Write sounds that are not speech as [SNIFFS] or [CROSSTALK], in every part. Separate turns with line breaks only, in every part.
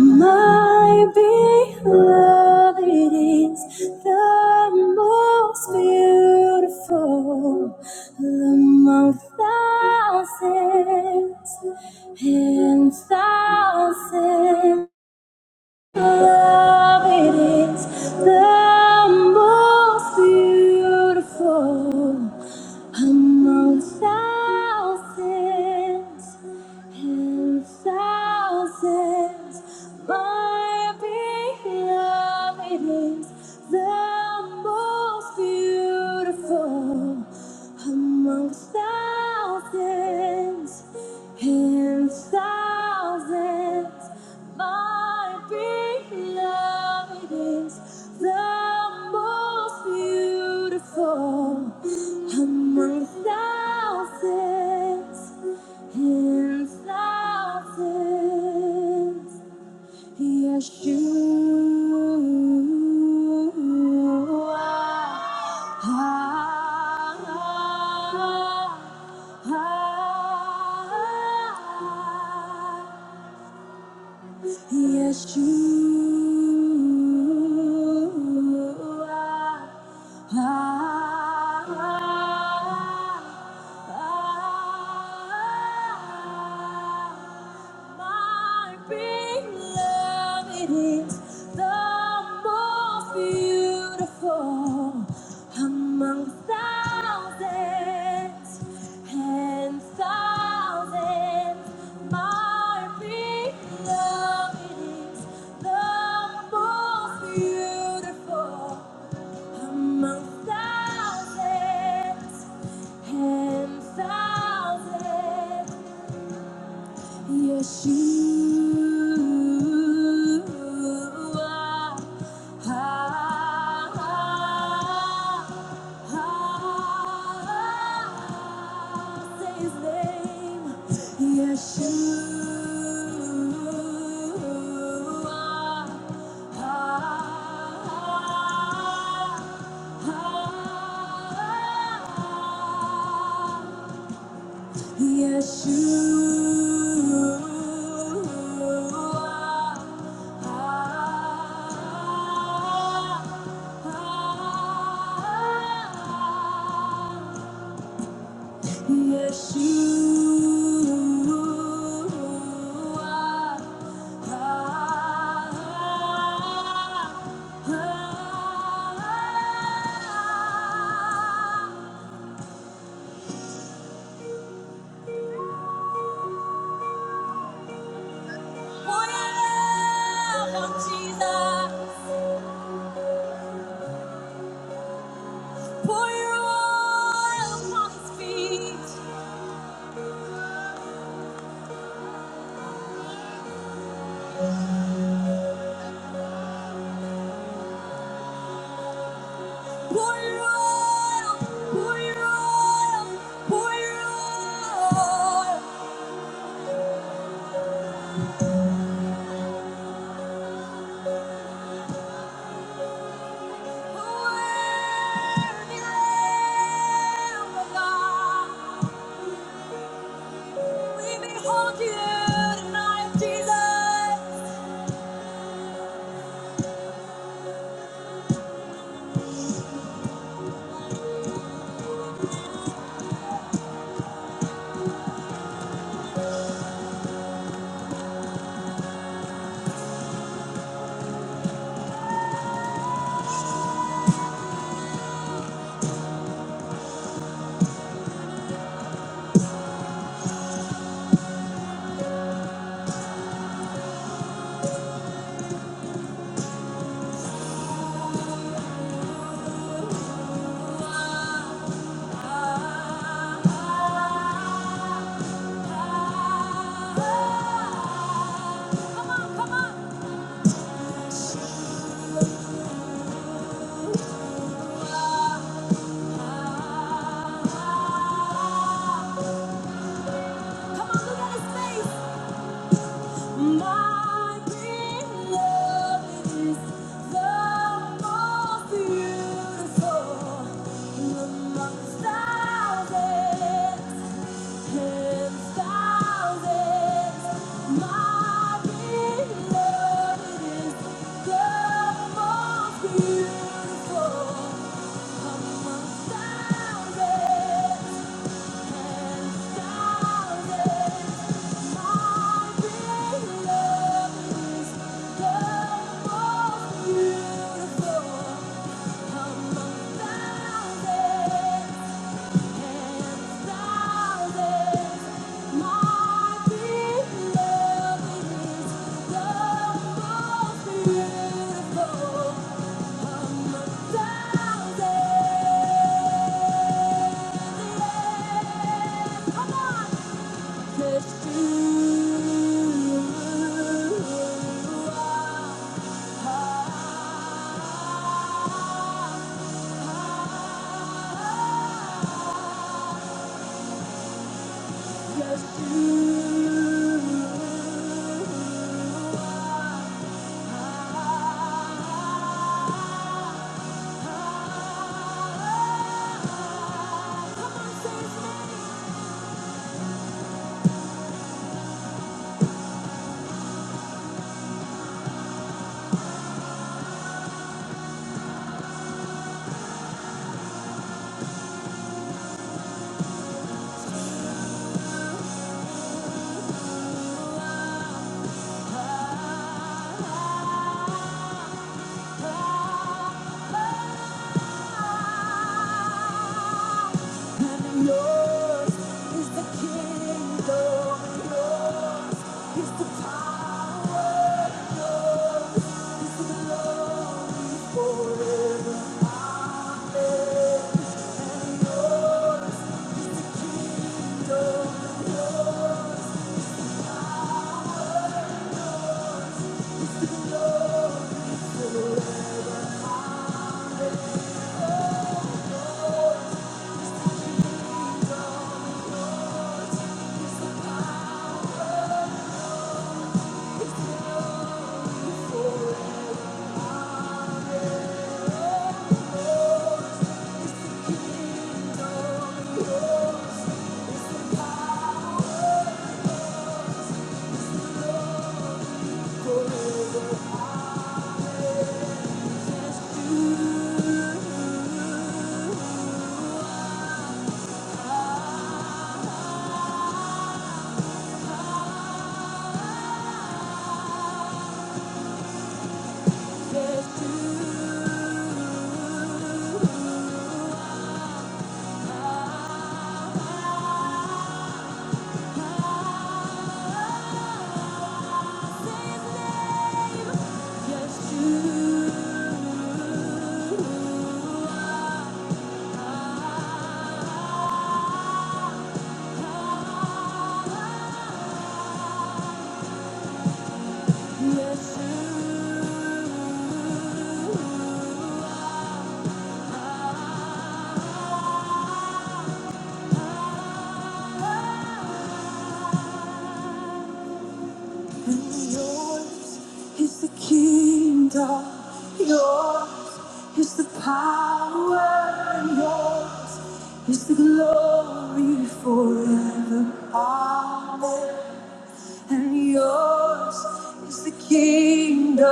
My beloved is the most beautiful among thousands and thousands. Beloved is the most beautiful among thousands and thousands. My beloved is the most beautiful amongst thousands and thousands. My beloved is the most beautiful among thousands here in thousands, yes, you are. Yes, you are. Ah, My beloved is the most beautiful among thousands and thousands. My beloved is the most beautiful among thousands. And thousand, you are. Say His name, yes, you are. Yes, you are. Yes, you are. For your love, oh Jesus. Pour your oil upon his feet. Pour your oil. Pour your oil. Pour your oil. A worthy Lamb of God. We behold you tonight, Jesus. Ah, ah, ah, ah. Come on, come on. My beloved is the most beautiful among thousands. Beautiful among thousands. Just you. And yours is the kingdom, yours is the power, and the glory forever, forever, forever. Yes, true. Yes, true. Yes, true. And yours is the kingdom. Yours is the power. Yours is the glory forever. Amen. And yours is the kingdom,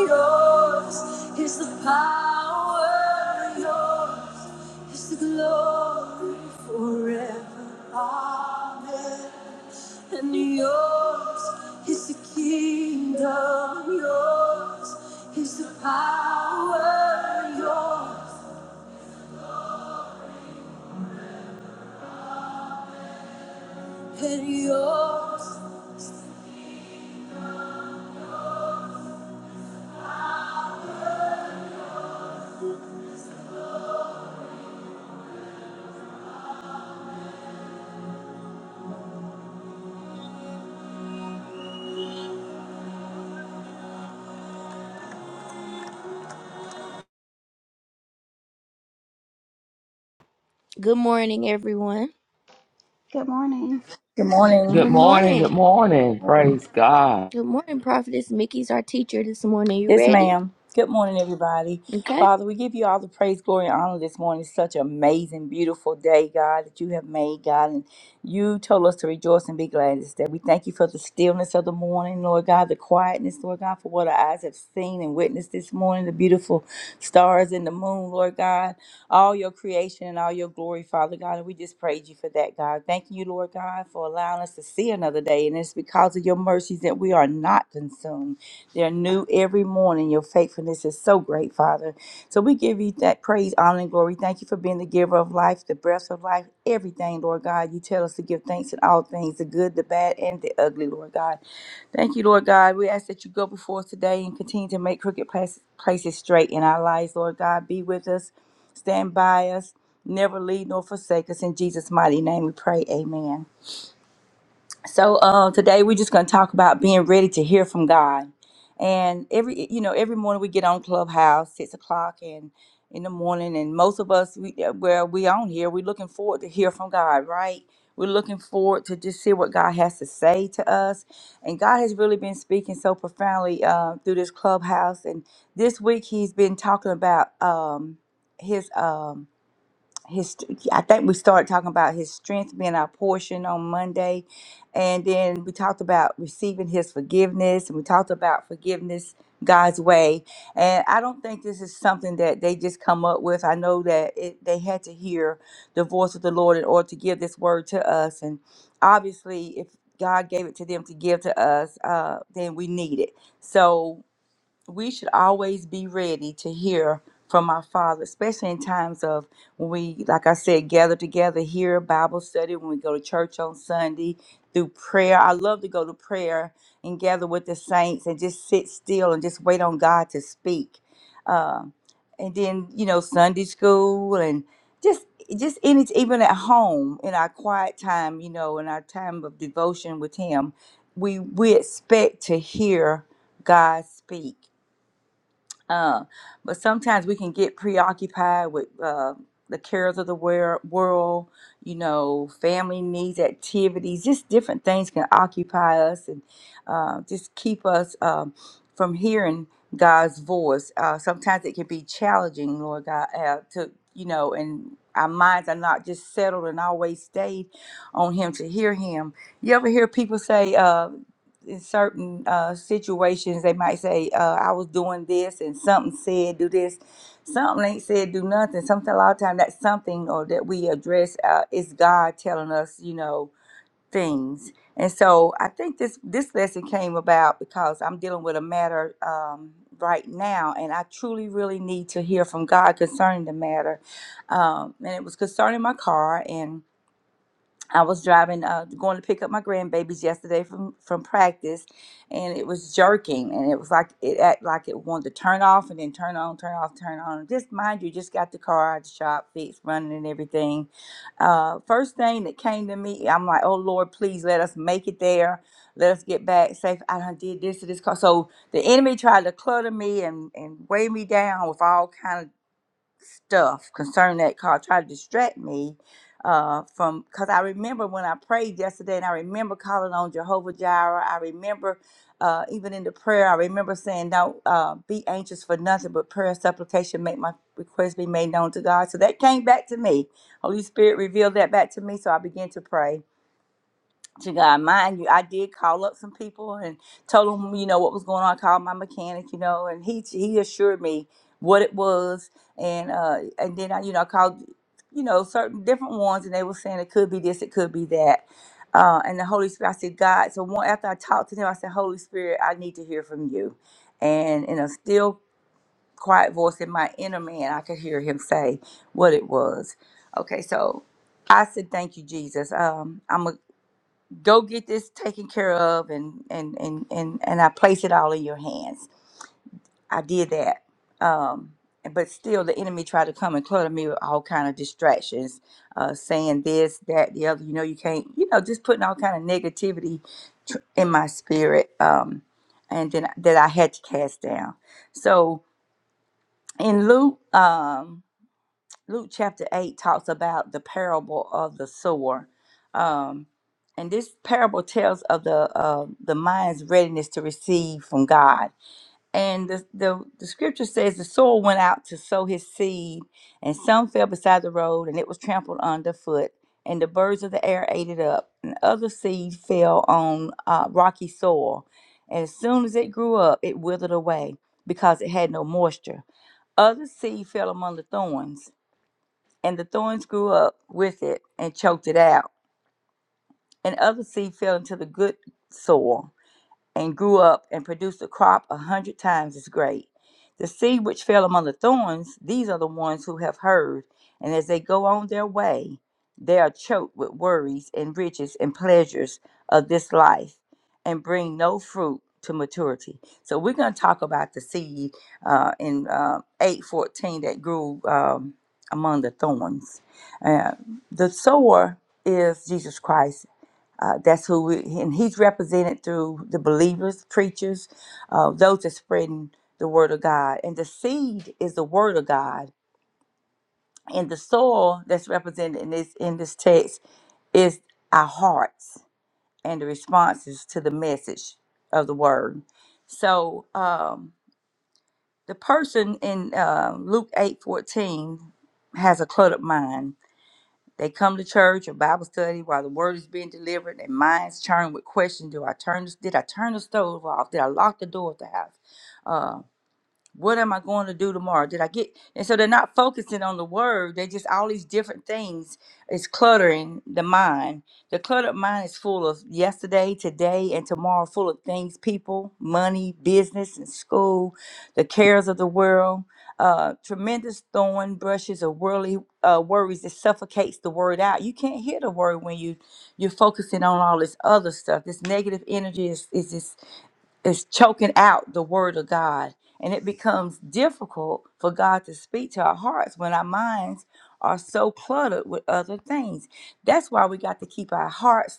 yours is the power, yours is the glory forever. Amen. And yours is the kingdom, yours is the power, yours and yours. Good morning, everyone.
Good morning.
Good morning.
Good
Good
morning.
morning.
Good morning.
Morning.
Praise God.
Good morning, Prophetess Mickey's our teacher this morning. You
Yes,
ready?
ma'am. Good morning, everybody.
Okay.
Father, we give you all the praise, glory, and honor this morning. It's such an amazing, beautiful day, God, that you have made, God. And you told us to rejoice and be glad in this day. We thank you for the stillness of the morning, Lord God, the quietness, Lord God, for what our eyes have seen and witnessed this morning, the beautiful stars and the moon, Lord God, all your creation and all your glory, Father God. And we just praise you for that, God. Thank you, Lord God, for allowing us to see another day. And it's because of your mercies that we are not consumed. They're new every morning. Your faithfulness is so great, Father. So we give you that praise, honor, and glory. Thank you for being the giver of life, the breath of life, everything, Lord God. You tell us to give thanks in all things, the good, the bad, and the ugly, Lord God. Thank you, Lord God. We ask that you go before us today and continue to make crooked places, places straight in our lives, Lord God. Be with us, stand by us, never leave nor forsake us. In Jesus' mighty name we pray. Amen. So uh, today we're just going to talk about being ready to hear from God. And every you know every morning we get on Clubhouse six o'clock and in the morning, and most of us we where we on here we're looking forward to hear from God, right? We're looking forward to just see what God has to say to us. And God has really been speaking so profoundly uh, through this Clubhouse. And this week He's been talking about um, His um, his I think we started talking about his strength being our portion on Monday and then we talked about receiving his forgiveness and we talked about forgiveness God's way and I don't think this is something that they just come up with I know that it, they had to hear the voice of the Lord in order to give this word to us and obviously if God gave it to them to give to us uh then we need it so we should always be ready to hear from our Father, especially in times of when we, like I said, gather together here, Bible study, when we go to church on Sunday, through prayer. I love to go to prayer and gather with the saints and just sit still and just wait on God to speak. Um, and then, you know, Sunday school and just just in it even at home in our quiet time, you know, in our time of devotion with him, we we expect to hear God speak. Uh, but sometimes we can get preoccupied with uh, the cares of the wor- world, you know, family needs, activities, just different things can occupy us and uh, just keep us um, from hearing God's voice. Uh, sometimes it can be challenging, Lord God, uh, to, you know, and our minds are not just settled and always stayed on Him to hear Him. You ever hear people say, uh, in certain uh, situations, they might say, uh, "I was doing this," and something said, "Do this." Something ain't said, "Do nothing." Something a lot of time that something or that we address uh, is God telling us, you know, things. And so I think this this lesson came about because I'm dealing with a matter um, right now, and I truly, really need to hear from God concerning the matter. Um, and it was concerning my car and I was driving, uh, going to pick up my grandbabies yesterday from from practice, and it was jerking, and it was like it act like it wanted to turn off and then turn on, turn off, turn on. Just mind you, just got the car out of the shop, fixed, running, and everything. Uh, first thing that came to me, I'm like, oh Lord, please let us make it there. Let us get back safe. I done did this to this car. So the enemy tried to clutter me and, and weigh me down with all kind of stuff concerning that car, try to distract me uh, from. Because I remember when I prayed yesterday, and I remember calling on Jehovah Jireh. I remember uh, even in the prayer, I remember saying, "Don't uh, be anxious for nothing, but prayer and supplication make my request be made known to God." So that came back to me. Holy Spirit revealed that back to me, so I began to pray to God. Mind you, I did call up some people and told them, you know, what was going on. I called my mechanic, you know, and he he assured me what it was, and uh, and then I, you know, I called, you know, certain different ones, and they were saying it could be this, it could be that. Uh, and the Holy Spirit, I said, God. So one after I talked to them, I said, Holy Spirit, I need to hear from you. And in a still quiet voice in my inner man, I could hear him say what it was. Okay, so I said, thank you, Jesus. Um, I'm go get this taken care of and and and and, and i place it all in your hands i did that um but still the enemy tried to come and clutter me with all kind of distractions uh saying this that the other you know you can't you know just putting all kind of negativity tr- in my spirit um and then that i had to cast down so in luke um Luke chapter 8 talks about the parable of the sower. Um, and this parable tells of the uh, the mind's readiness to receive from God. And the, the, the scripture says the sower went out to sow his seed, and some fell beside the road, and it was trampled underfoot, and the birds of the air ate it up. And other seed fell on uh, rocky soil. And as soon as it grew up, it withered away because it had no moisture. Other seed fell among the thorns and the thorns grew up with it and choked it out. And other seed fell into the good soil and grew up and produced a crop a hundred times its great. The seed which fell among the thorns, these are the ones who have heard, and as they go on their way, they are choked with worries and riches and pleasures of this life and bring no fruit to maturity. So we're going to talk about the seed uh, in uh, 814 that grew um, among the thorns. Uh, the sower is Jesus Christ uh, that's who we, and he's represented through the believers, preachers, uh, those that spreading the word of God. And the seed is the word of God. And the soil that's represented in this in this text is our hearts and the responses to the message of the word. So um, the person in uh, Luke eight fourteen has a cluttered mind They come to church or Bible study while the word is being delivered. Their minds churn with questions: Do I turn? This, did I turn the stove off? Did I lock the door of the house? Uh, what am I going to do tomorrow? Did I get? And so they're not focusing on the word. They just all these different things is cluttering the mind. The cluttered mind is full of yesterday, today, and tomorrow, full of things, people, money, business, and school, the cares of the world, uh, tremendous thorn brushes of worldly uh, worries that suffocates the word out. You can't hear the word when you you're focusing on all this other stuff. This negative energy is is this is choking out the word of God. And it becomes difficult for God to speak to our hearts when our minds are so cluttered with other things. That's why we got to keep our hearts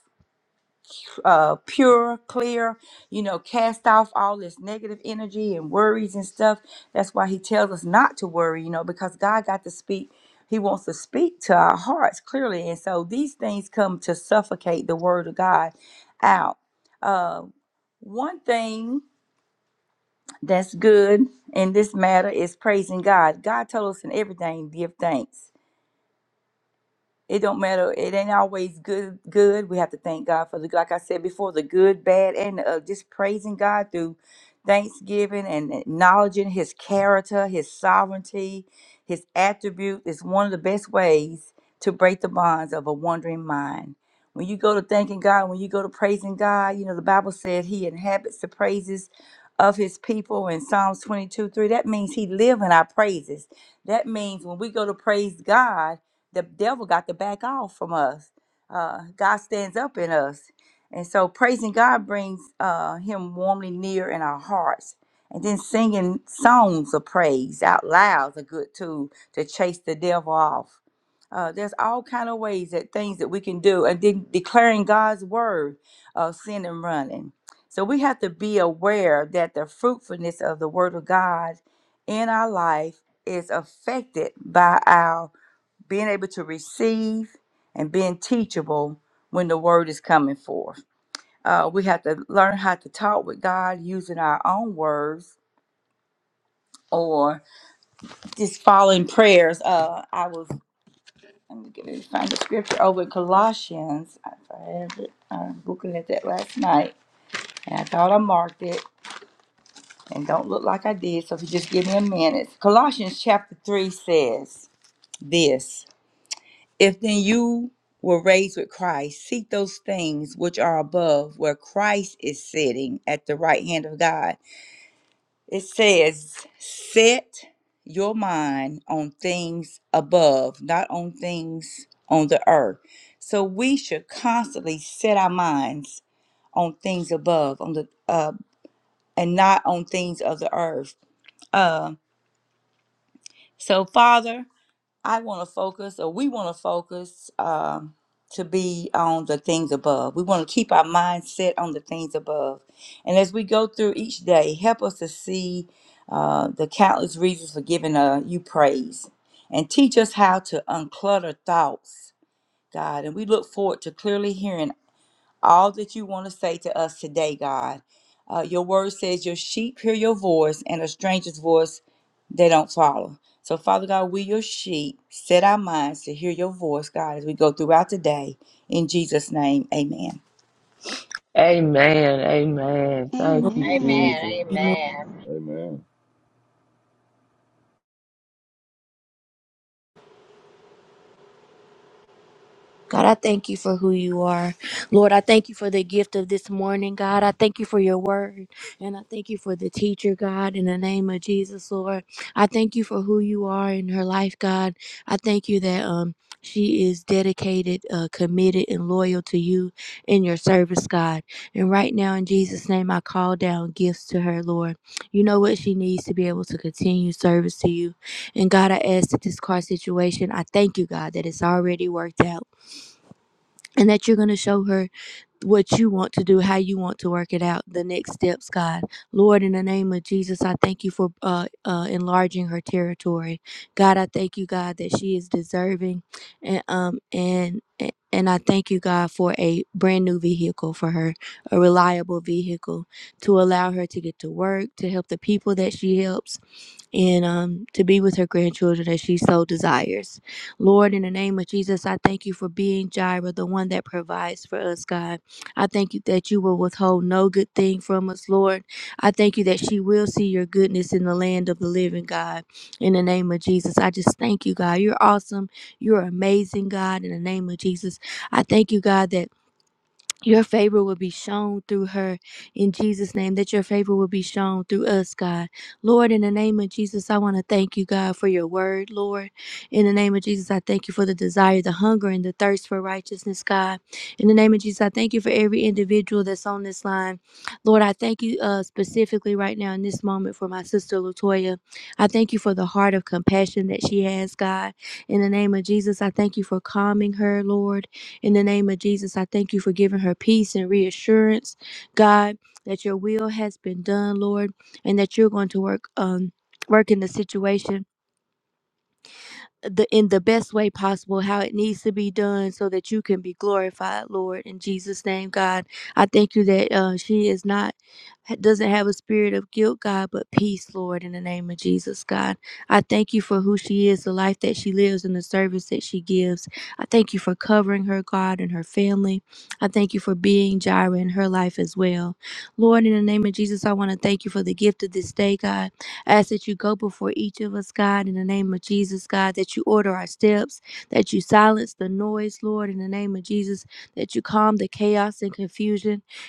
uh, pure, clear, you know, cast off all this negative energy and worries and stuff. That's why He tells us not to worry, you know, because God got to speak. He wants to speak to our hearts clearly. And so these things come to suffocate the word of God out. Uh, one thing that's good in this matter is praising God. God told us in everything, give thanks it don't matter. It ain't always good. Good. We have to thank God for the like I said before, the good, bad, and uh, just praising God through thanksgiving and acknowledging His character, His sovereignty, His attribute is one of the best ways to break the bonds of a wandering mind. When you go to thanking God, when you go to praising God, you know the Bible said He inhabits the praises of His people in Psalms 22, 3. That means He lives in our praises. That means when we go to praise God the devil got to back off from us. Uh, God stands up in us. And so praising God brings uh, him warmly near in our hearts. And then singing songs of praise out loud is a good tool to chase the devil off. Uh, there's all kind of ways that things that we can do. And then declaring God's word of sin and running. So we have to be aware that the fruitfulness of the word of God in our life is affected by our being able to receive and being teachable when the word is coming forth. Uh, we have to learn how to talk with God using our own words or just following prayers. Uh, I was, let me get me find the scripture over in Colossians. I I it, I was looking at that last night and I thought I marked it and don't look like I did. So if you just give me a minute. Colossians chapter 3 says this. If then you were raised with Christ, seek those things which are above, where Christ is sitting at the right hand of God. It says, Set your mind on things above, not on things on the earth. So we should constantly set our minds on things above, on the uh, and not on things of the earth. Uh, so, Father, I want to focus, or we want to focus, um, to be on the things above. We want to keep our mind set on the things above. And as we go through each day, help us to see uh, the countless reasons for giving uh, you praise and teach us how to unclutter thoughts, God. And we look forward to clearly hearing all that you want to say to us today, God. Uh, your word says your sheep hear your voice, and a stranger's voice they don't follow. So, Father God, we your sheep set our minds to hear your voice, God, as we go throughout the day. In Jesus' name, amen.
Amen. Amen. Thank you,
Amen.
Amen.
Jesus.
Amen.
Amen.
God, I thank you for who you are. Lord, I thank you for the gift of this morning, God. I thank you for your word. And I thank you for the teacher, God, in the name of Jesus, Lord. I thank you for who you are in her life, God. I thank you that um she is dedicated, uh, committed, and loyal to you in your service, God. And right now, in Jesus' name, I call down gifts to her, Lord. You know what she needs to be able to continue service to you. And God, I ask that this car situation, I thank you, God, that it's already worked out and that you're going to show her what you want to do, how you want to work it out, the next steps, God. Lord, in the name of Jesus, I thank you for uh, uh, enlarging her territory. God, I thank you, God, that she is deserving, and um, and and and I thank you, God, for a brand new vehicle for her, a reliable vehicle to allow her to get to work, to help the people that she helps and um, to be with her grandchildren as she so desires. Lord, in the name of Jesus, I thank you for being Jireh, the one that provides for us, God. I thank you that you will withhold no good thing from us, Lord. I thank you that she will see your goodness in the land of the living, God. In the name of Jesus, I just thank you, God. You're awesome. You're amazing, God. In the name of Jesus, I thank you, God, that your favor will be shown through her in Jesus' name, that your favor will be shown through us, God. Lord, in the name of Jesus, I want to thank you, God, for your word, Lord. In the name of Jesus, I thank you for the desire, the hunger, and the thirst for righteousness, God. In the name of Jesus, I thank you for every individual that's on this line. Lord, I thank you uh, specifically right now in this moment for my sister Latoya. I thank you for the heart of compassion that she has, God. In the name of Jesus, I thank you for calming her, Lord. In the name of Jesus, I thank you for giving her peace and reassurance, God, that your will has been done, Lord, and that you're going to work um work in the situation the in the best way possible how it needs to be done so that you can be glorified lord in jesus name god i thank you that uh, she is not doesn't have a spirit of guilt, God, but peace, Lord, in the name of Jesus, God. I thank you for who she is, the life that she lives, and the service that she gives. I thank you for covering her, God, and her family. I thank you for being Jireh in her life as well. Lord, in the name of Jesus, I want to thank you for the gift of this day, God. I ask that you go before each of us, God, in the name of Jesus, God, that you order our steps, that you silence the noise, Lord, in the name of Jesus, that you calm the chaos and confusion.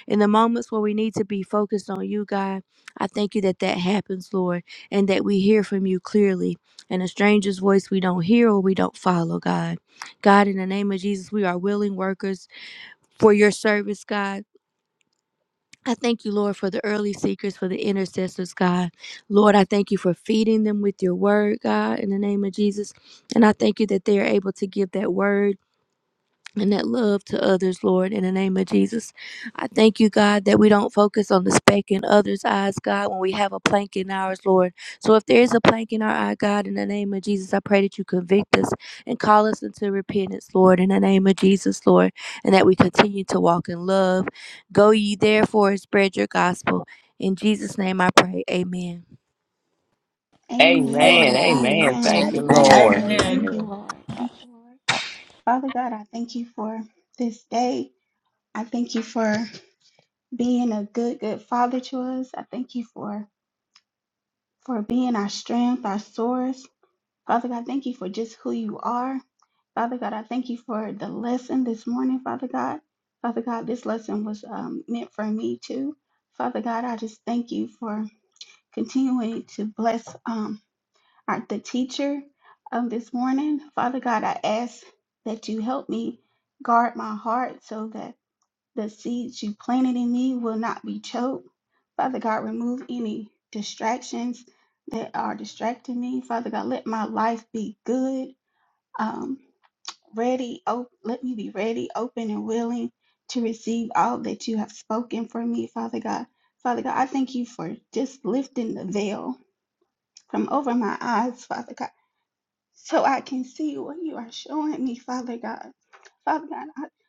In the moments where we need to be focused on you, God, I thank you that that happens, Lord, and that we hear from you clearly. And a stranger's voice we don't hear or we don't follow, God. God, in the name of Jesus, we are willing workers for your service, God. I thank you, Lord, for the early seekers, for the intercessors, God. Lord, I thank you for feeding them with your word, God, in the name of Jesus. And I thank you that they are able to give that word and that love to others, Lord, in the name of Jesus. I thank you, God, that we don't focus on the speck in others' eyes, God, when we have a plank in ours, Lord. So if there is a plank in our eye, God, in the name of Jesus, I pray that you convict us and call us into repentance, Lord, in the name of Jesus, Lord, and that we continue to walk in love. Go ye therefore and spread your gospel. In Jesus' name I pray. Amen.
Amen.
Amen.
Amen.
Amen. Thank you,
Amen.
Amen.
Lord.
Amen.
Amen. Thank you,
Amen.
Lord. Thank you, Lord. Father God, I thank you for this day. I thank you for being a good, good father to us. I thank you for for being our strength, our source. Father God, thank you for just who you are. Father God, I thank you for the lesson this morning, Father God. Father God, this lesson was um, meant for me too. Father God, I just thank you for continuing to bless. um, aren't the teacher of this morning. Father God, I ask that you help me guard my heart so that the seeds you planted in me will not be choked. Father God, remove any distractions that are distracting me. Father God, let my life be good, um, ready. Op- let me be ready, open, and willing to receive all that you have spoken for me, Father God. Father God, I thank you for just lifting the veil from over my eyes, Father God so I can see what you are showing me, Father God. Father God, I,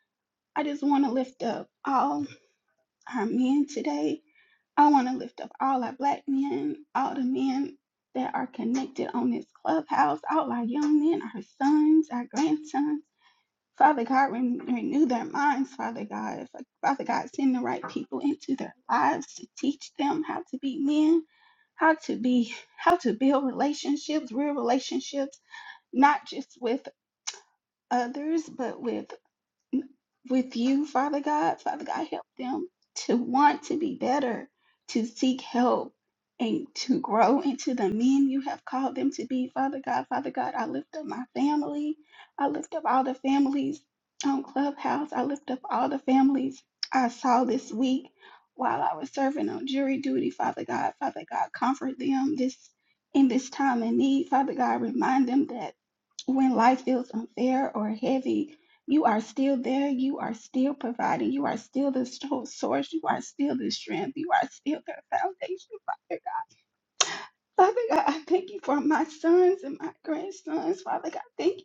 I just want to lift up all our men today. I want to lift up all our black men, all the men that are connected on this clubhouse, all our young men, our sons, our grandsons. Father God, ren- renew their minds, Father God. Father God, send the right people into their lives to teach them how to be men, how to be, how to build relationships, real relationships, not just with others, but with with you, Father God. Father God, help them to want to be better, to seek help, and to grow into the men you have called them to be, Father God. Father God, I lift up my family. I lift up all the families on Clubhouse. I lift up all the families I saw this week while I was serving on jury duty, Father God. Father God, comfort them this in this time of need. Father God, remind them that when life feels unfair or heavy, you are still there. You are still providing. You are still the so- source. You are still the strength. You are still the foundation, Father God. Father God, I thank you for my sons and my grandsons. Father God, thank you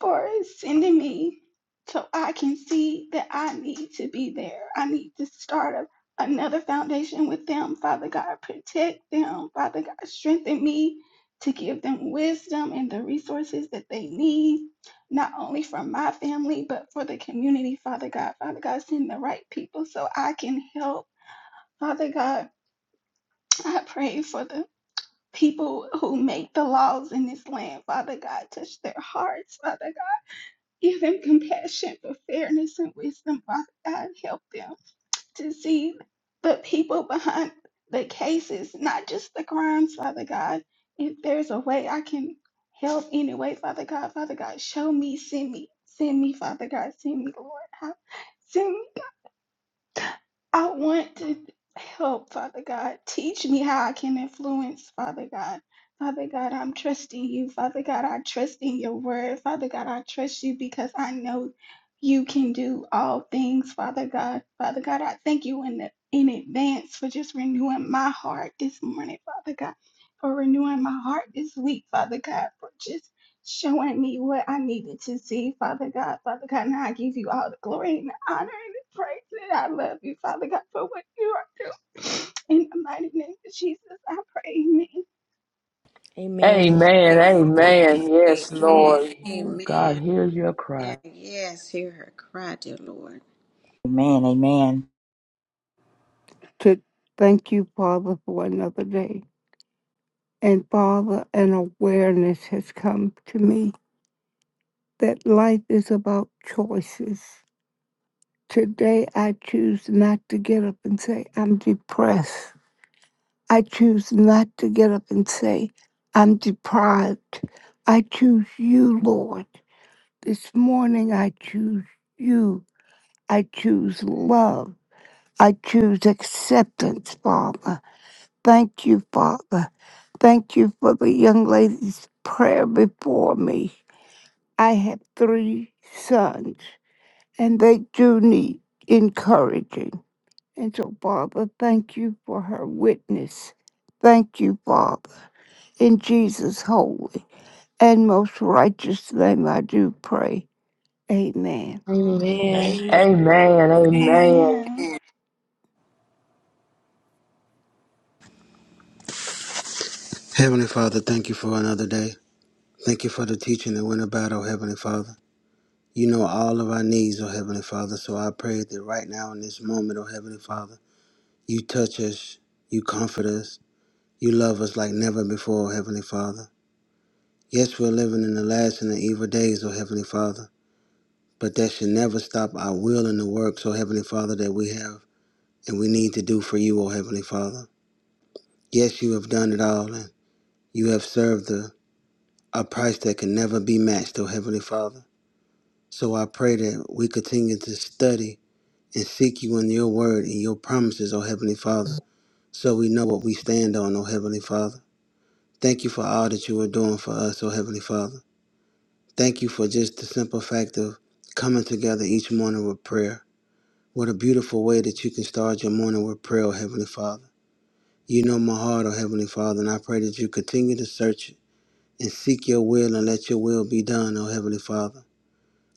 for sending me so I can see that I need to be there. I need to start up another foundation with them. Father God, protect them. Father God, strengthen me to give them wisdom and the resources that they need, not only for my family, but for the community. Father God, Father God, send the right people so I can help. Father God, I pray for the people who make the laws in this land. Father God, touch their hearts. Father Give them compassion for fairness and wisdom, Father God. Help them to see the people behind the cases, not just the crimes, Father God. If there's a way I can help anyway, Father God, Father God, show me, send me, send me, Father God, send me, Lord. Send me. I want to help, Father God. Teach me how I can influence, Father God. Father God, I'm trusting you. Father God, I trust in your word. Father God, I trust you because I know you can do all things, Father God. Father God, I thank you in, the, in advance for just renewing my heart this morning, Father God, for renewing my heart this week, Father God, for just showing me what I needed to see, Father God. Father God, now I give you all the glory and the honor and the praise. And I love you, Father God, for what you are doing. [SNIFFS] In the mighty name of Jesus, I pray. Amen.
Amen.
Amen.
Amen.
Amen.
Amen. Yes,
Amen.
Amen.
Lord.
Amen.
God
Amen.
hears your
Amen.
cry.
Yes, hear her cry, dear Lord.
Amen. Amen.
to thank you, Father, for another day. And Father, an awareness has come to me that life is about choices. Today, I choose not to get up and say, I'm depressed. I choose not to get up and say, I'm deprived. I choose you, Lord. This morning, I choose you. I choose love. I choose acceptance, Father. Thank you, Father. Thank you for the young lady's prayer before me. I have three sons, and they do need encouraging. And so, Father, thank you for her witness. Thank you, Father. In Jesus' holy and most righteous name, I do pray. Amen. Amen.
Amen.
Amen.
Amen.
Amen.
Amen.
Amen.
Amen.
Heavenly Father, thank you for another day. Thank you for the teaching that went about, oh Heavenly Father. You know all of our needs, oh Heavenly Father. So I pray that right now in this moment, oh Heavenly Father, you touch us, you comfort us, you love us like never before, oh Heavenly Father. Yes, we're living in the last and the evil days, oh Heavenly Father, but that should never stop our will and the works, oh Heavenly Father, that we have and we need to do for you, oh Heavenly Father. Yes, you have done it all and you have served the, a price that can never be matched, oh Heavenly Father. So I pray that we continue to study and seek you in your word and your promises, O Heavenly Father, so we know what we stand on, O Heavenly Father. Thank you for all that you are doing for us, O Heavenly Father. Thank you for just the simple fact of coming together each morning with prayer. What a beautiful way that you can start your morning with prayer, oh Heavenly Father. You know my heart, O Heavenly Father, and I pray that you continue to search it and seek your will and let your will be done, O Heavenly Father.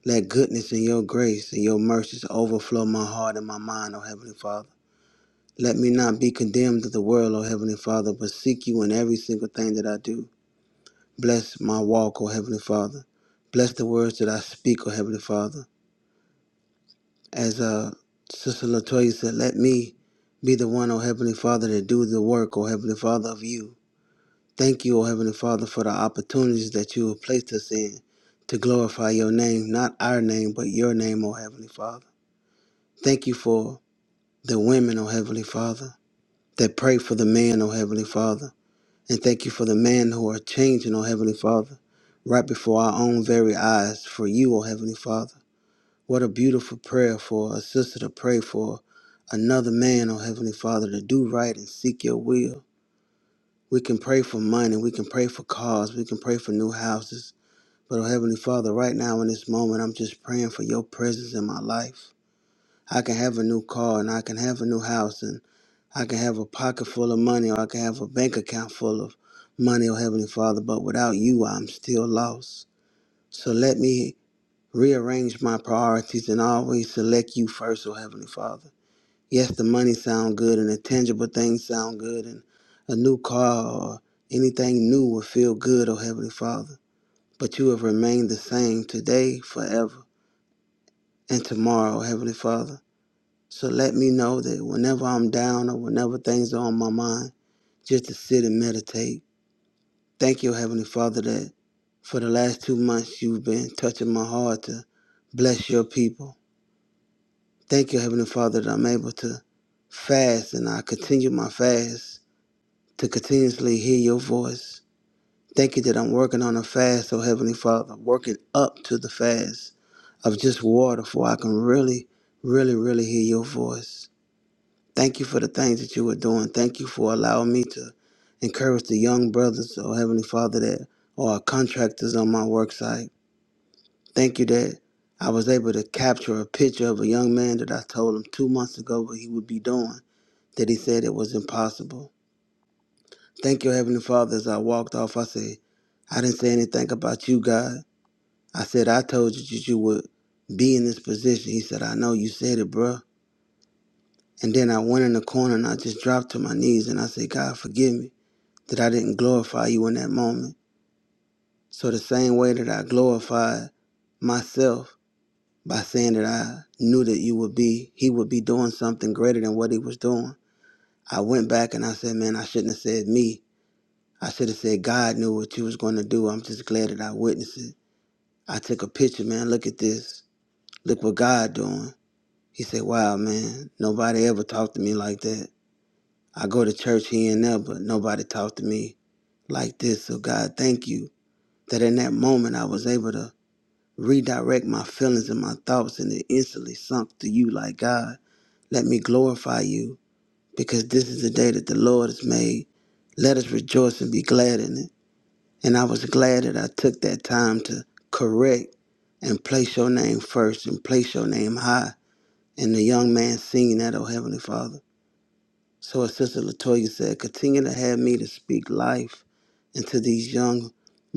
Let goodness and your grace and your mercies overflow my heart and my mind, O Heavenly Father. Let me not be condemned to the world, O Heavenly Father, but seek you in every single thing that I do. Bless my walk, O Heavenly Father. Bless the words that I speak, O Heavenly Father. As uh, Sister Latoya said, let me be the one, O Heavenly Father, to do the work, O Heavenly Father, of you. Thank you, O Heavenly Father, for the opportunities that you have placed us in to glorify your name, not our name, but your name, O Heavenly Father. Thank you for the women, oh Heavenly Father, that pray for the man, oh Heavenly Father. And thank you for the man who are changing, oh Heavenly Father, right before our own very eyes for you, oh Heavenly Father. What a beautiful prayer for a sister to pray for another man, oh Heavenly Father, to do right and seek your will. We can pray for money, we can pray for cars, we can pray for new houses. But oh Heavenly Father, right now in this moment, I'm just praying for your presence in my life. I can have a new car and I can have a new house and I can have a pocket full of money or I can have a bank account full of money, oh Heavenly Father, but without you, I'm still lost. So let me rearrange my priorities and always select you first, oh Heavenly Father. Yes, the money sound good and the tangible things sound good and a new car or anything new will feel good, oh Heavenly Father. But you have remained the same today, forever, and tomorrow, oh Heavenly Father. So let me know that whenever I'm down or whenever things are on my mind, just to sit and meditate. Thank you, Heavenly Father, that for the last two months you've been touching my heart to bless your people. Thank you, Heavenly Father, that I'm able to fast and I continue my fast to continuously hear your voice. Thank you that I'm working on a fast, oh Heavenly Father, working up to the fast of just water for I can really, really, really hear your voice. Thank you for the things that you were doing. Thank you for allowing me to encourage the young brothers, oh Heavenly Father, that are contractors on my work site. Thank you that I was able to capture a picture of a young man that I told him two months ago what he would be doing, that he said it was impossible. Thank you, Heavenly Father, as I walked off, I said, I didn't say anything about you, God. I said, I told you that you would be in this position. He said, I know you said it, bruh. And then I went in the corner and I just dropped to my knees and I said, God, forgive me. that I didn't glorify you in that moment. So, the same way that I glorified myself by saying that I knew that you would be, he would be doing something greater than what he was doing. I went back and I said, man, I shouldn't have said me. I should have said God knew what you was going to do. I'm just glad that I witnessed it. I took a picture, man. Look at this. Look what God doing. He said, wow, man, nobody ever talked to me like that. I go to church here and there, but nobody talked to me like this. So God, thank you. that in that moment I was able to redirect my feelings and my thoughts, and it instantly sunk to you like, God, let me glorify you because this is the day that the Lord has made. Let us rejoice and be glad in it. And I was glad that I took that time to correct and place your name first and place your name high. And the young man singing that, Oh Heavenly Father. So as Sister Latoya said, continue to have me to speak life into these young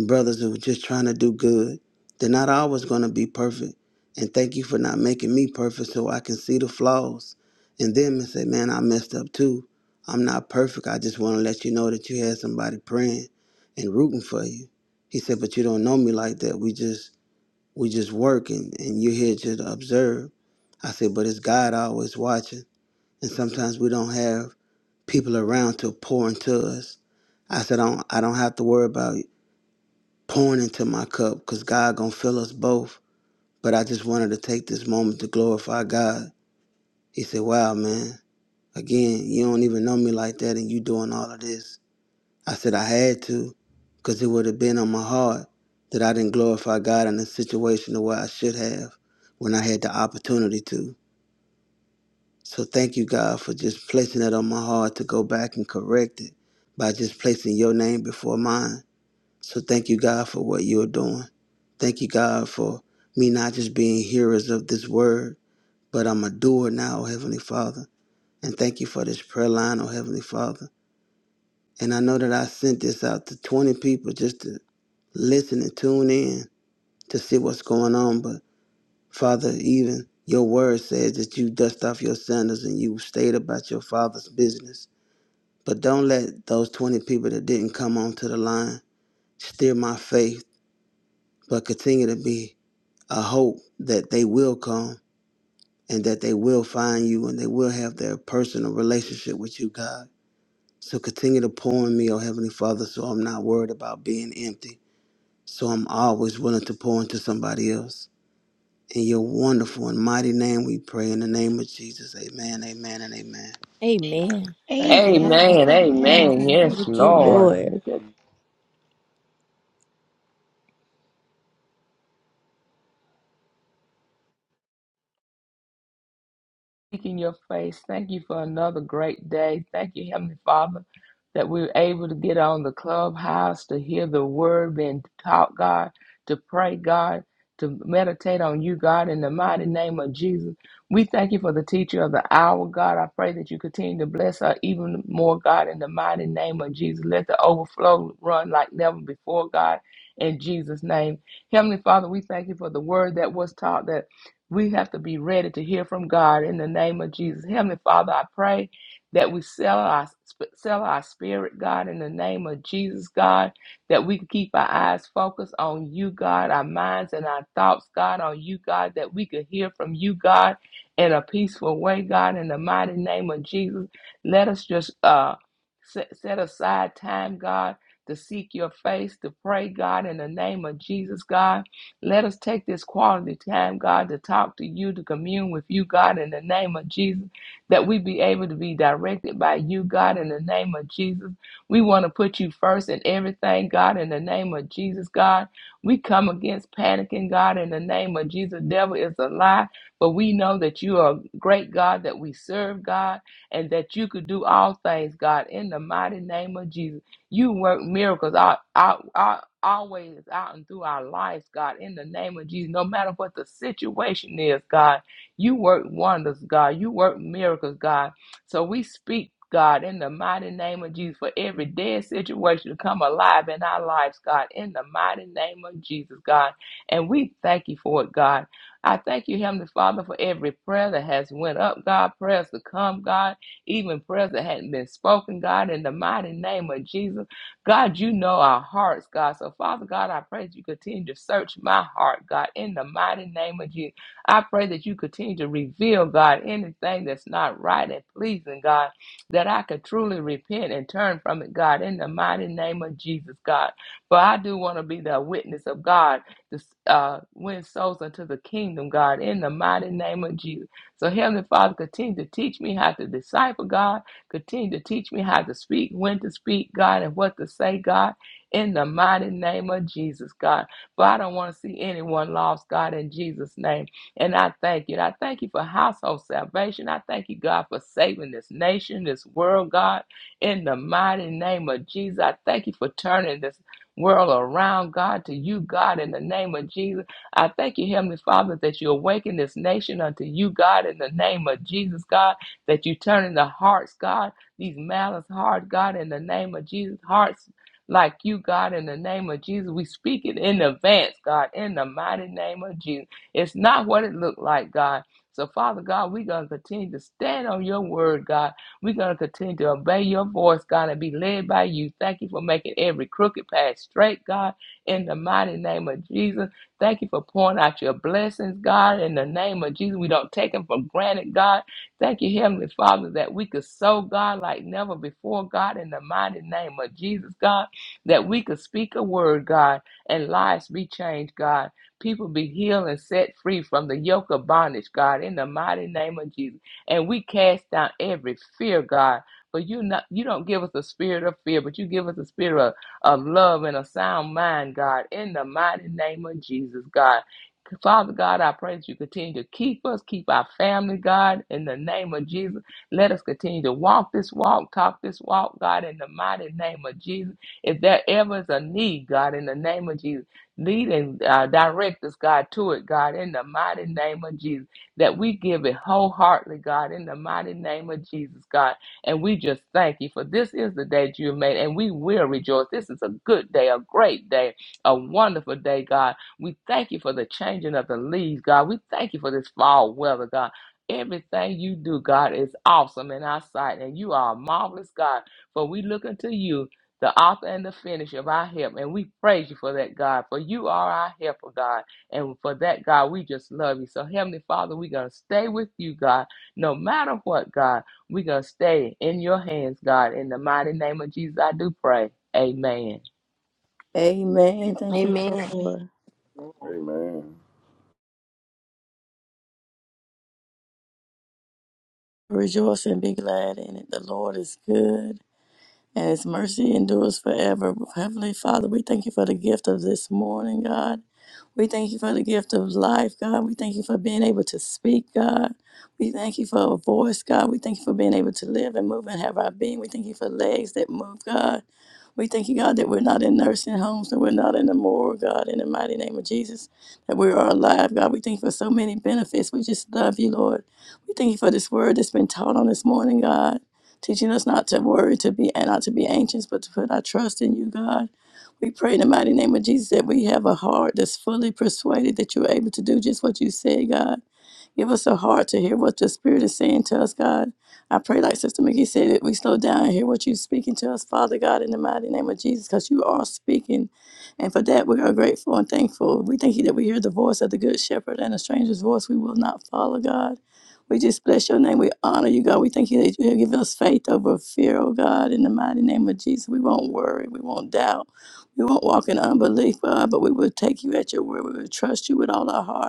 brothers who are just trying to do good. They're not always going to be perfect. And thank you for not making me perfect so I can see the flaws in them and say, man, I messed up too. I'm not perfect. I just want to let you know that you had somebody praying and rooting for you. He said, but you don't know me like that. We just we just work and, and you're here just to observe. I said, but it's God always watching. And sometimes we don't have people around to pour into us. I said, I don't, I don't have to worry about pouring into my cup because God going to fill us both. But I just wanted to take this moment to glorify God. He said, wow, man, again, you don't even know me like that and you doing all of this. I said, I had to because it would have been on my heart that I didn't glorify God in a situation the way I should have when I had the opportunity to. So thank you, God, for just placing it on my heart to go back and correct it by just placing your name before mine. So thank you, God, for what you're doing. Thank you, God, for me not just being hearers of this word, but I'm a doer now, oh Heavenly Father. And thank you for this prayer line, oh Heavenly Father. And I know that I sent this out to 20 people just to listen and tune in to see what's going on. But Father, even your word says that you dust off your sandals and you stayed about your father's business. But don't let those 20 people that didn't come onto the line steer my faith, but continue to be a hope that they will come and that they will find you and they will have their personal relationship with you, God. So continue to pour in me, oh Heavenly Father, so I'm not worried about being empty. So I'm always willing to pour into somebody else. In your wonderful and mighty name we pray in the name of Jesus. Amen, amen, and amen.
Amen.
Thank
Amen.
Amen.
Amen.
you,
Amen.
Amen.
Amen.
Lord.
Praise
Yes,
Thank
God.
you,
Lord.
Lord.
Seek In your face. Thank you for another great day. Thank you, Heavenly Father, that we are able to get on the clubhouse to hear the word being taught, God, to pray, God, to meditate on you, God, in the mighty name of Jesus. We thank you for the teacher of the hour, God. I pray that you continue to bless her even more, God, in the mighty name of Jesus. Let the overflow run like never before, God. In Jesus' name. Heavenly Father, we thank you for the word that was taught, that we have to be ready to hear from God in the name of Jesus. Heavenly Father, I pray that we sell our sell our spirit, God, in the name of Jesus, God, that we can keep our eyes focused on you, God, our minds and our thoughts, God, on you, God, that we can hear from you, God, in a peaceful way, God, in the mighty name of Jesus. Let us just uh set, set aside time, God, to seek your face, to pray, God, in the name of Jesus, God. Let us take this quality time, God, to talk to you, to commune with you, God, in the name of Jesus, that we be able to be directed by you, God, in the name of Jesus. We want to put you first in everything, God, in the name of Jesus, God. We come against panicking, God, in the name of Jesus. Devil is a lie, but we know that you are a great God, that we serve, God, and that you could do all things, God, in the mighty name of Jesus. You work miracles out, out, out always out and through our lives, God, in the name of Jesus. No matter what the situation is, God, you work wonders, God. You work miracles, God. So we speak. God, in the mighty name of Jesus, for every dead situation to come alive in our lives, God, in the mighty name of Jesus, God. And we thank you for it, God. I thank you, Heavenly Father, for every prayer that has went up, God, prayers to come, God, even prayers that hadn't been spoken, God, in the mighty name of Jesus. God, you know our hearts, God. So, Father God, I pray that you continue to search my heart, God, in the mighty name of Jesus. I pray that you continue to reveal, God, anything that's not right and pleasing, God, that I could truly repent and turn from it, God, in the mighty name of Jesus, God. For I do want to be the witness of God to uh, win souls unto the kingdom, God, in the mighty name of Jesus. So, Heavenly Father, continue to teach me how to disciple, God. Continue to teach me how to speak, when to speak, God, and what to say, God, in the mighty name of Jesus, God. But I don't want to see anyone lost, God, in Jesus' name. And I thank you. And I thank you for household salvation. I thank you, God, for saving this nation, this world, God, in the mighty name of Jesus. I thank you for turning this world around, God, to you, God, in the name of Jesus. I thank you, Heavenly Father, that you awaken this nation unto you, God, in the name of Jesus, God that you turn in the hearts, God, these malice hard, God, in the name of Jesus, hearts like you, God, in the name of Jesus. We speak it in advance, God, in the mighty name of Jesus. It's not what it looked like, God. So, Father God, we're going to continue to stand on your word, God. We're going to continue to obey your voice, God, and be led by you. Thank you for making every crooked path straight, God, in the mighty name of Jesus. Thank you for pouring out your blessings, God, in the name of Jesus. We don't take them for granted, God. Thank you, Heavenly Father, that we could sow God like never before, God, in the mighty name of Jesus, God, that we could speak a word, God, and lives be changed, God. People be healed and set free from the yoke of bondage, God, in the mighty name of Jesus. And we cast down every fear, God. for you not you don't give us a spirit of fear, but you give us a spirit of, of love and a sound mind, God, in the mighty name of Jesus, God. Father God, I pray that you continue to keep us, keep our family, God, in the name of Jesus. Let us continue to walk this walk, talk this walk, God, in the mighty name of Jesus. If there ever is a need, God, in the name of Jesus, lead and uh, direct us, God, to it, God, in the mighty name of Jesus. That we give it wholeheartedly, God, in the mighty name of Jesus, God. And we just thank you for this is the day that you have made, and we will rejoice. This is a good day, a great day, a wonderful day, God we thank you for the changing of the leaves, God. We thank you for this fall weather, God. Everything you do, God, is awesome in our sight, and you are a marvelous God. For we look unto you, the author and the finisher of our help, and we praise you for that, God. For you are our helper, God, and for that, God, we just love you. So, Heavenly Father, we're gonna stay with you, God, no matter what, God. We're gonna stay in your hands, God. In the mighty name of Jesus, I do pray. Amen.
Amen. Thank you,
Amen.
Lord.
Amen.
Rejoice and be glad in it. The Lord is good and his mercy endures forever. Heavenly Father, we thank you for the gift of this morning, God. We thank you for the gift of life, God. We thank you for being able to speak, God. We thank you for a voice, God. We thank you for being able to live and move and have our being. We thank you for legs that move, God. We thank you, God, that we're not in nursing homes, that we're not in the morgue, God, in the mighty name of Jesus, that we are alive, God. We thank you for so many benefits. We just love you, Lord. We thank you for this word that's been taught on this morning, God, teaching us not to worry, to be and not to be anxious, but to put our trust in you, God. We pray in the mighty name of Jesus that we have a heart that's fully persuaded that you're able to do just what you said, God. Give us a heart to hear what the Spirit is saying to us, God. I pray, like Sister McGee said, that we slow down and hear what you're speaking to us, Father God, in the mighty name of Jesus, because you are speaking. And for that, we are grateful and thankful. We thank you that we hear the voice of the Good Shepherd and a stranger's voice we will not follow, God. We just bless your name. We honor you, God. We thank you that you have given us faith over fear, oh God, in the mighty name of Jesus. We won't worry. We won't doubt. We won't walk in unbelief, God, but we will take you at your word. We will trust you with all our heart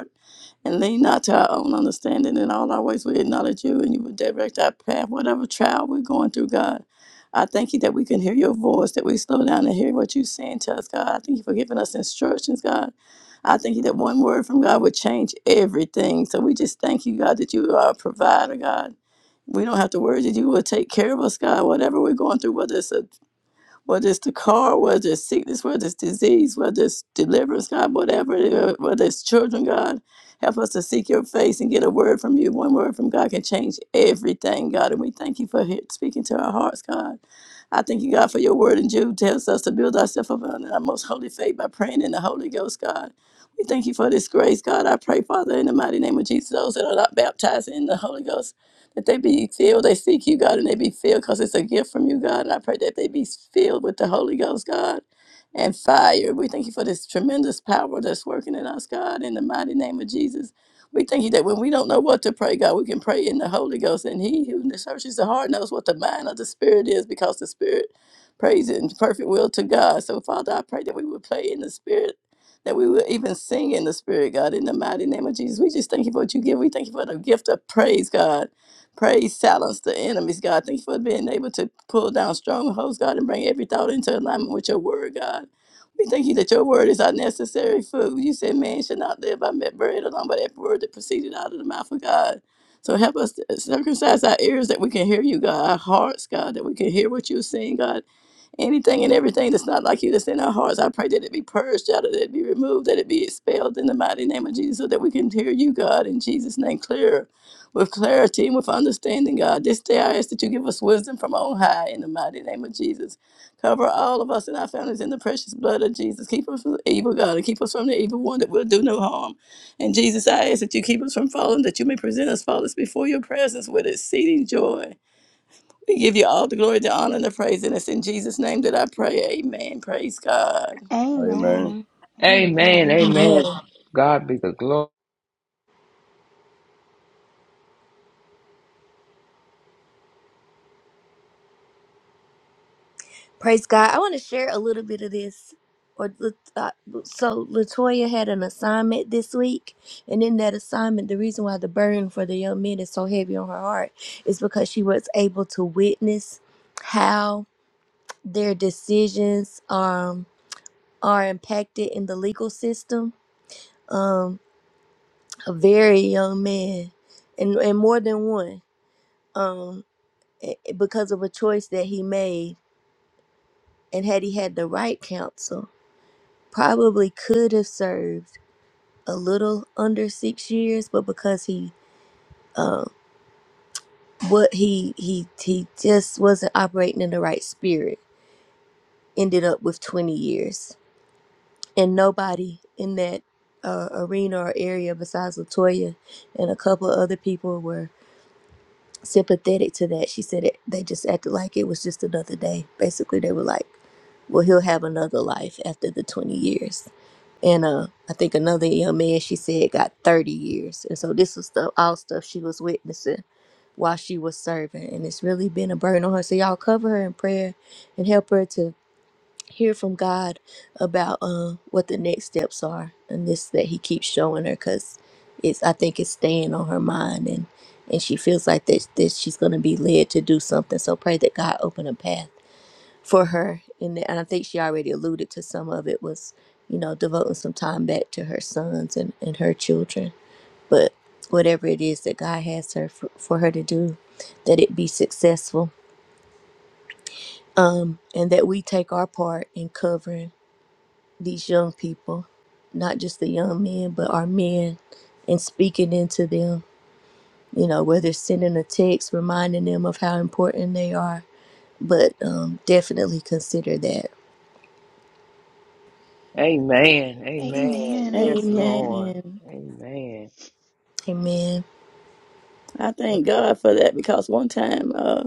and lean not to our own understanding. In all our ways, we acknowledge you, and you will direct our path, whatever trial we're going through, God. I thank you that we can hear your voice, that we slow down and hear what you're saying to us, God. I thank you for giving us instructions, God. I thank you that one word from God would change everything. So we just thank you, God, that you are a provider, God. We don't have to worry that you will take care of us, God, whatever we're going through, whether it's a whether it's the car, whether it's sickness, whether it's disease, whether it's deliverance, God, whatever, it is, whether it's children, God, help us to seek your face and get a word from you. One word from God can change everything, God, and we thank you for he- speaking to our hearts, God. I thank you, God, for your word in Jude tells us to build ourselves up on our most holy faith by praying in the Holy Ghost, God. We thank you for this grace, God. I pray, Father, in the mighty name of Jesus, those that are not baptized in the Holy Ghost, that they be filled. They seek you, God, and they be filled because it's a gift from you, God. And I pray that they be filled with the Holy Ghost, God, and fire. We thank you for this tremendous power that's working in us, God, in the mighty name of Jesus. We thank you that when we don't know what to pray, God, we can pray in the Holy Ghost. And He who searches the heart knows what the mind of the Spirit is because the Spirit prays in perfect will to God. So, Father, I pray that we would pray in the Spirit that we would even sing in the spirit, God, in the mighty name of Jesus. We just thank you for what you give. We thank you for the gift of praise, God. Praise silence the enemies, God. Thank you for being able to pull down strongholds, God, and bring every thought into alignment with your word, God. We thank you that your word is our necessary food. You said man should not live by bread alone, but every word that proceeded out of the mouth of God. So help us to circumcise our ears that we can hear you, God, our hearts, God, that we can hear what you're saying, God, Anything and everything that's not like you that's in our hearts, I pray that it be purged out, that it be removed, that it be expelled in the mighty name of Jesus, so that we can hear you, God, in Jesus' name clearer, with clarity and with understanding, God. This day I ask that you give us wisdom from on high in the mighty name of Jesus. Cover all of us and our families in the precious blood of Jesus. Keep us from the evil, God, and keep us from the evil one that will do no harm. And Jesus, I ask that you keep us from falling, that you may present us faultless before your presence with exceeding joy. We give you all the glory, the honor, and the praise. And it's in Jesus' name that I pray. Amen. Praise God.
Amen.
Amen.
Amen.
Amen.
Amen.
Amen.
Amen. God be the glory.
Praise God. I want to share a little bit of this. Or uh, so Latoya had an assignment this week, and in that assignment, the reason why the burden for the young men is so heavy on her heart is because she was able to witness how their decisions um, are impacted in the legal system. Um, a very young man, and and more than one, um, eh, eh, because of a choice that he made, and had he had the right counsel. probably could have served a little under six years, but because he, uh, what he he he just wasn't operating in the right spirit, ended up with twenty years, and nobody in that uh, arena or area besides Latoya and a couple of other people were sympathetic to that. She said it, they just acted like it was just another day. Basically, they were like, "Well, he'll have another life after the twenty years." and uh i think another young man she said got 30 years and so this was stuff all stuff she was witnessing while she was serving and it's really been a burden on her so y'all cover her in prayer and help her to hear from god about uh, what the next steps are and this that he keeps showing her because it's i think it's staying on her mind and and she feels like that, that she's going to be led to do something so pray that god open a path for her and th- and I think she already alluded to some of it was you know devoting some time back to her sons and, and her children but whatever it is that God has her for, for her to do that it be successful um and that we take our part in covering these young people not just the young men but our men and speaking into them you know whether it's sending a text reminding them of how important they are but um definitely consider that
Amen. Amen.
Amen.
Yes,
Amen.
Lord.
Amen.
Amen.
amen
I thank God for that because one time uh,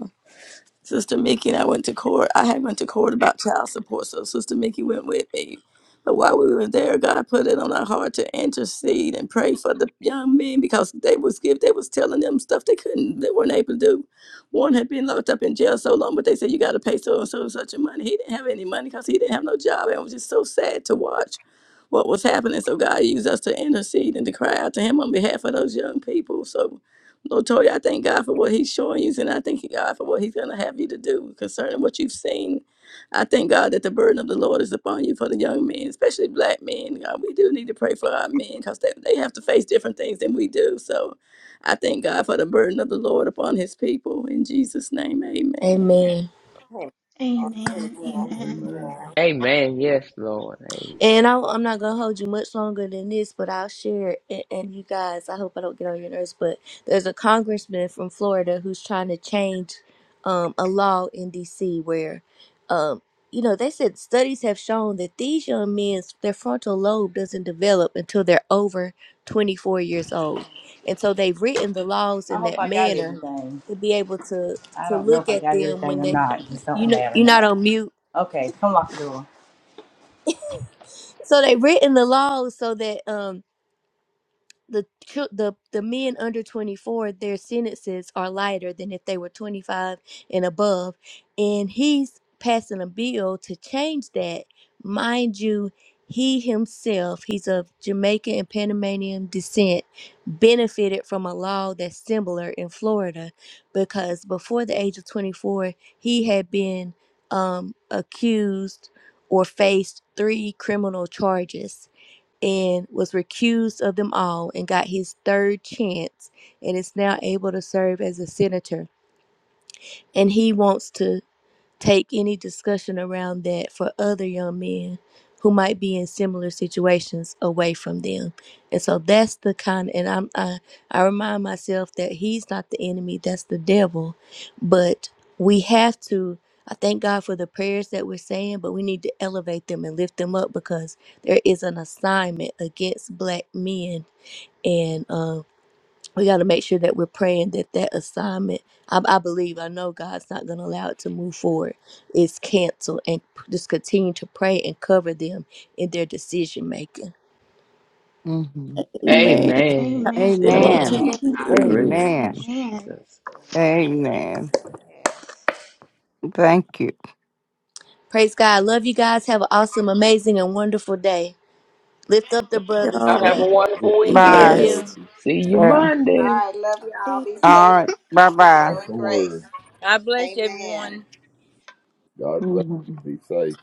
Sister Mickey and I went to court. I had went to court about child support, so Sister Mickey went with me. But while we were there, God put it on our heart to intercede and pray for the young men because they was give they was telling them stuff they couldn't they weren't able to do. One had been locked up in jail so long, but they said you got to pay so and so such a money. He didn't have any money because he didn't have no job, and it was just so sad to watch what was happening. So God used us to intercede and to cry out to Him on behalf of those young people. So Lord Tori, I thank God for what He's showing you, and I thank God for what He's going to have you to do concerning what you've seen. I thank God that the burden of the Lord is upon you for the young men, especially black men. God, we do need to pray for our men because they, they have to face different things than we do. So I thank God for the burden of the Lord upon His people. In Jesus' name, amen.
amen
Amen.
Amen.
Amen.
Amen.
Amen.
Amen. Yes, Lord. Amen.
And I, I'm not gonna hold you much longer than this, but I'll share it. And you guys, I hope I don't get on your nerves, but there's a congressman from Florida who's trying to change um, a law in D.C. where, um, you know, they said studies have shown that these young men's their frontal lobe doesn't develop until they're over 24 years old, and so they've written the laws
I
in
hope
that
I got
manner
everything.
to be able to
I
to
don't know if
look
I
at
got
them
everything
when
or
they,
not. It just
you
don't
know,
matter
you're not
now.
on mute.
Okay, come lock the door.
So they've written the laws so that um the chil- the the men under 24 their sentences are lighter than if they were 25 and above and he's passing a bill to change that mind you he himself he's of Jamaican and Panamanian descent benefited from a law that's similar in Florida because before the age of 24 he had been um accused or faced three criminal charges and was recused of them all and got his third chance and is now able to serve as a senator. And he wants to take any discussion around that for other young men who might be in similar situations away from them. And so that's the kind and I'm I, I remind myself that he's not the enemy, that's the devil. But we have to I thank God for the prayers that we're saying, but we need to elevate them and lift them up because there is an assignment against black men and. um we got to make sure that we're praying that that assignment I, I believe i know god's not going to allow it to move forward it's canceled and p- just continue to pray and cover them in their decision making
hmm
Amen.
Amen. Yes,
Amen.
Seen 'em
Yes,
on
Lord.
we
amen
Amen.
TV
definitely
I
do.
Agree.
news.
Amen.
Amen.
Jesus.
Amen.
Yes.
Thank you.
praise god love you guys have an awesome amazing and wonderful day lift up the brothers
Y'all
Y'all
have a
Love
today
y'all.
wonderful
be
God
love
Bye.
weekend.
bless
you
blessed.
you.
See you
All
Monday.
right, love y'all.
See,
Be
All
safe.
right.
Grow
Bye
That's
in
the
grace.
word.
God bless you,
Amen.
everyone.
God bless
bye.
you. Be safe.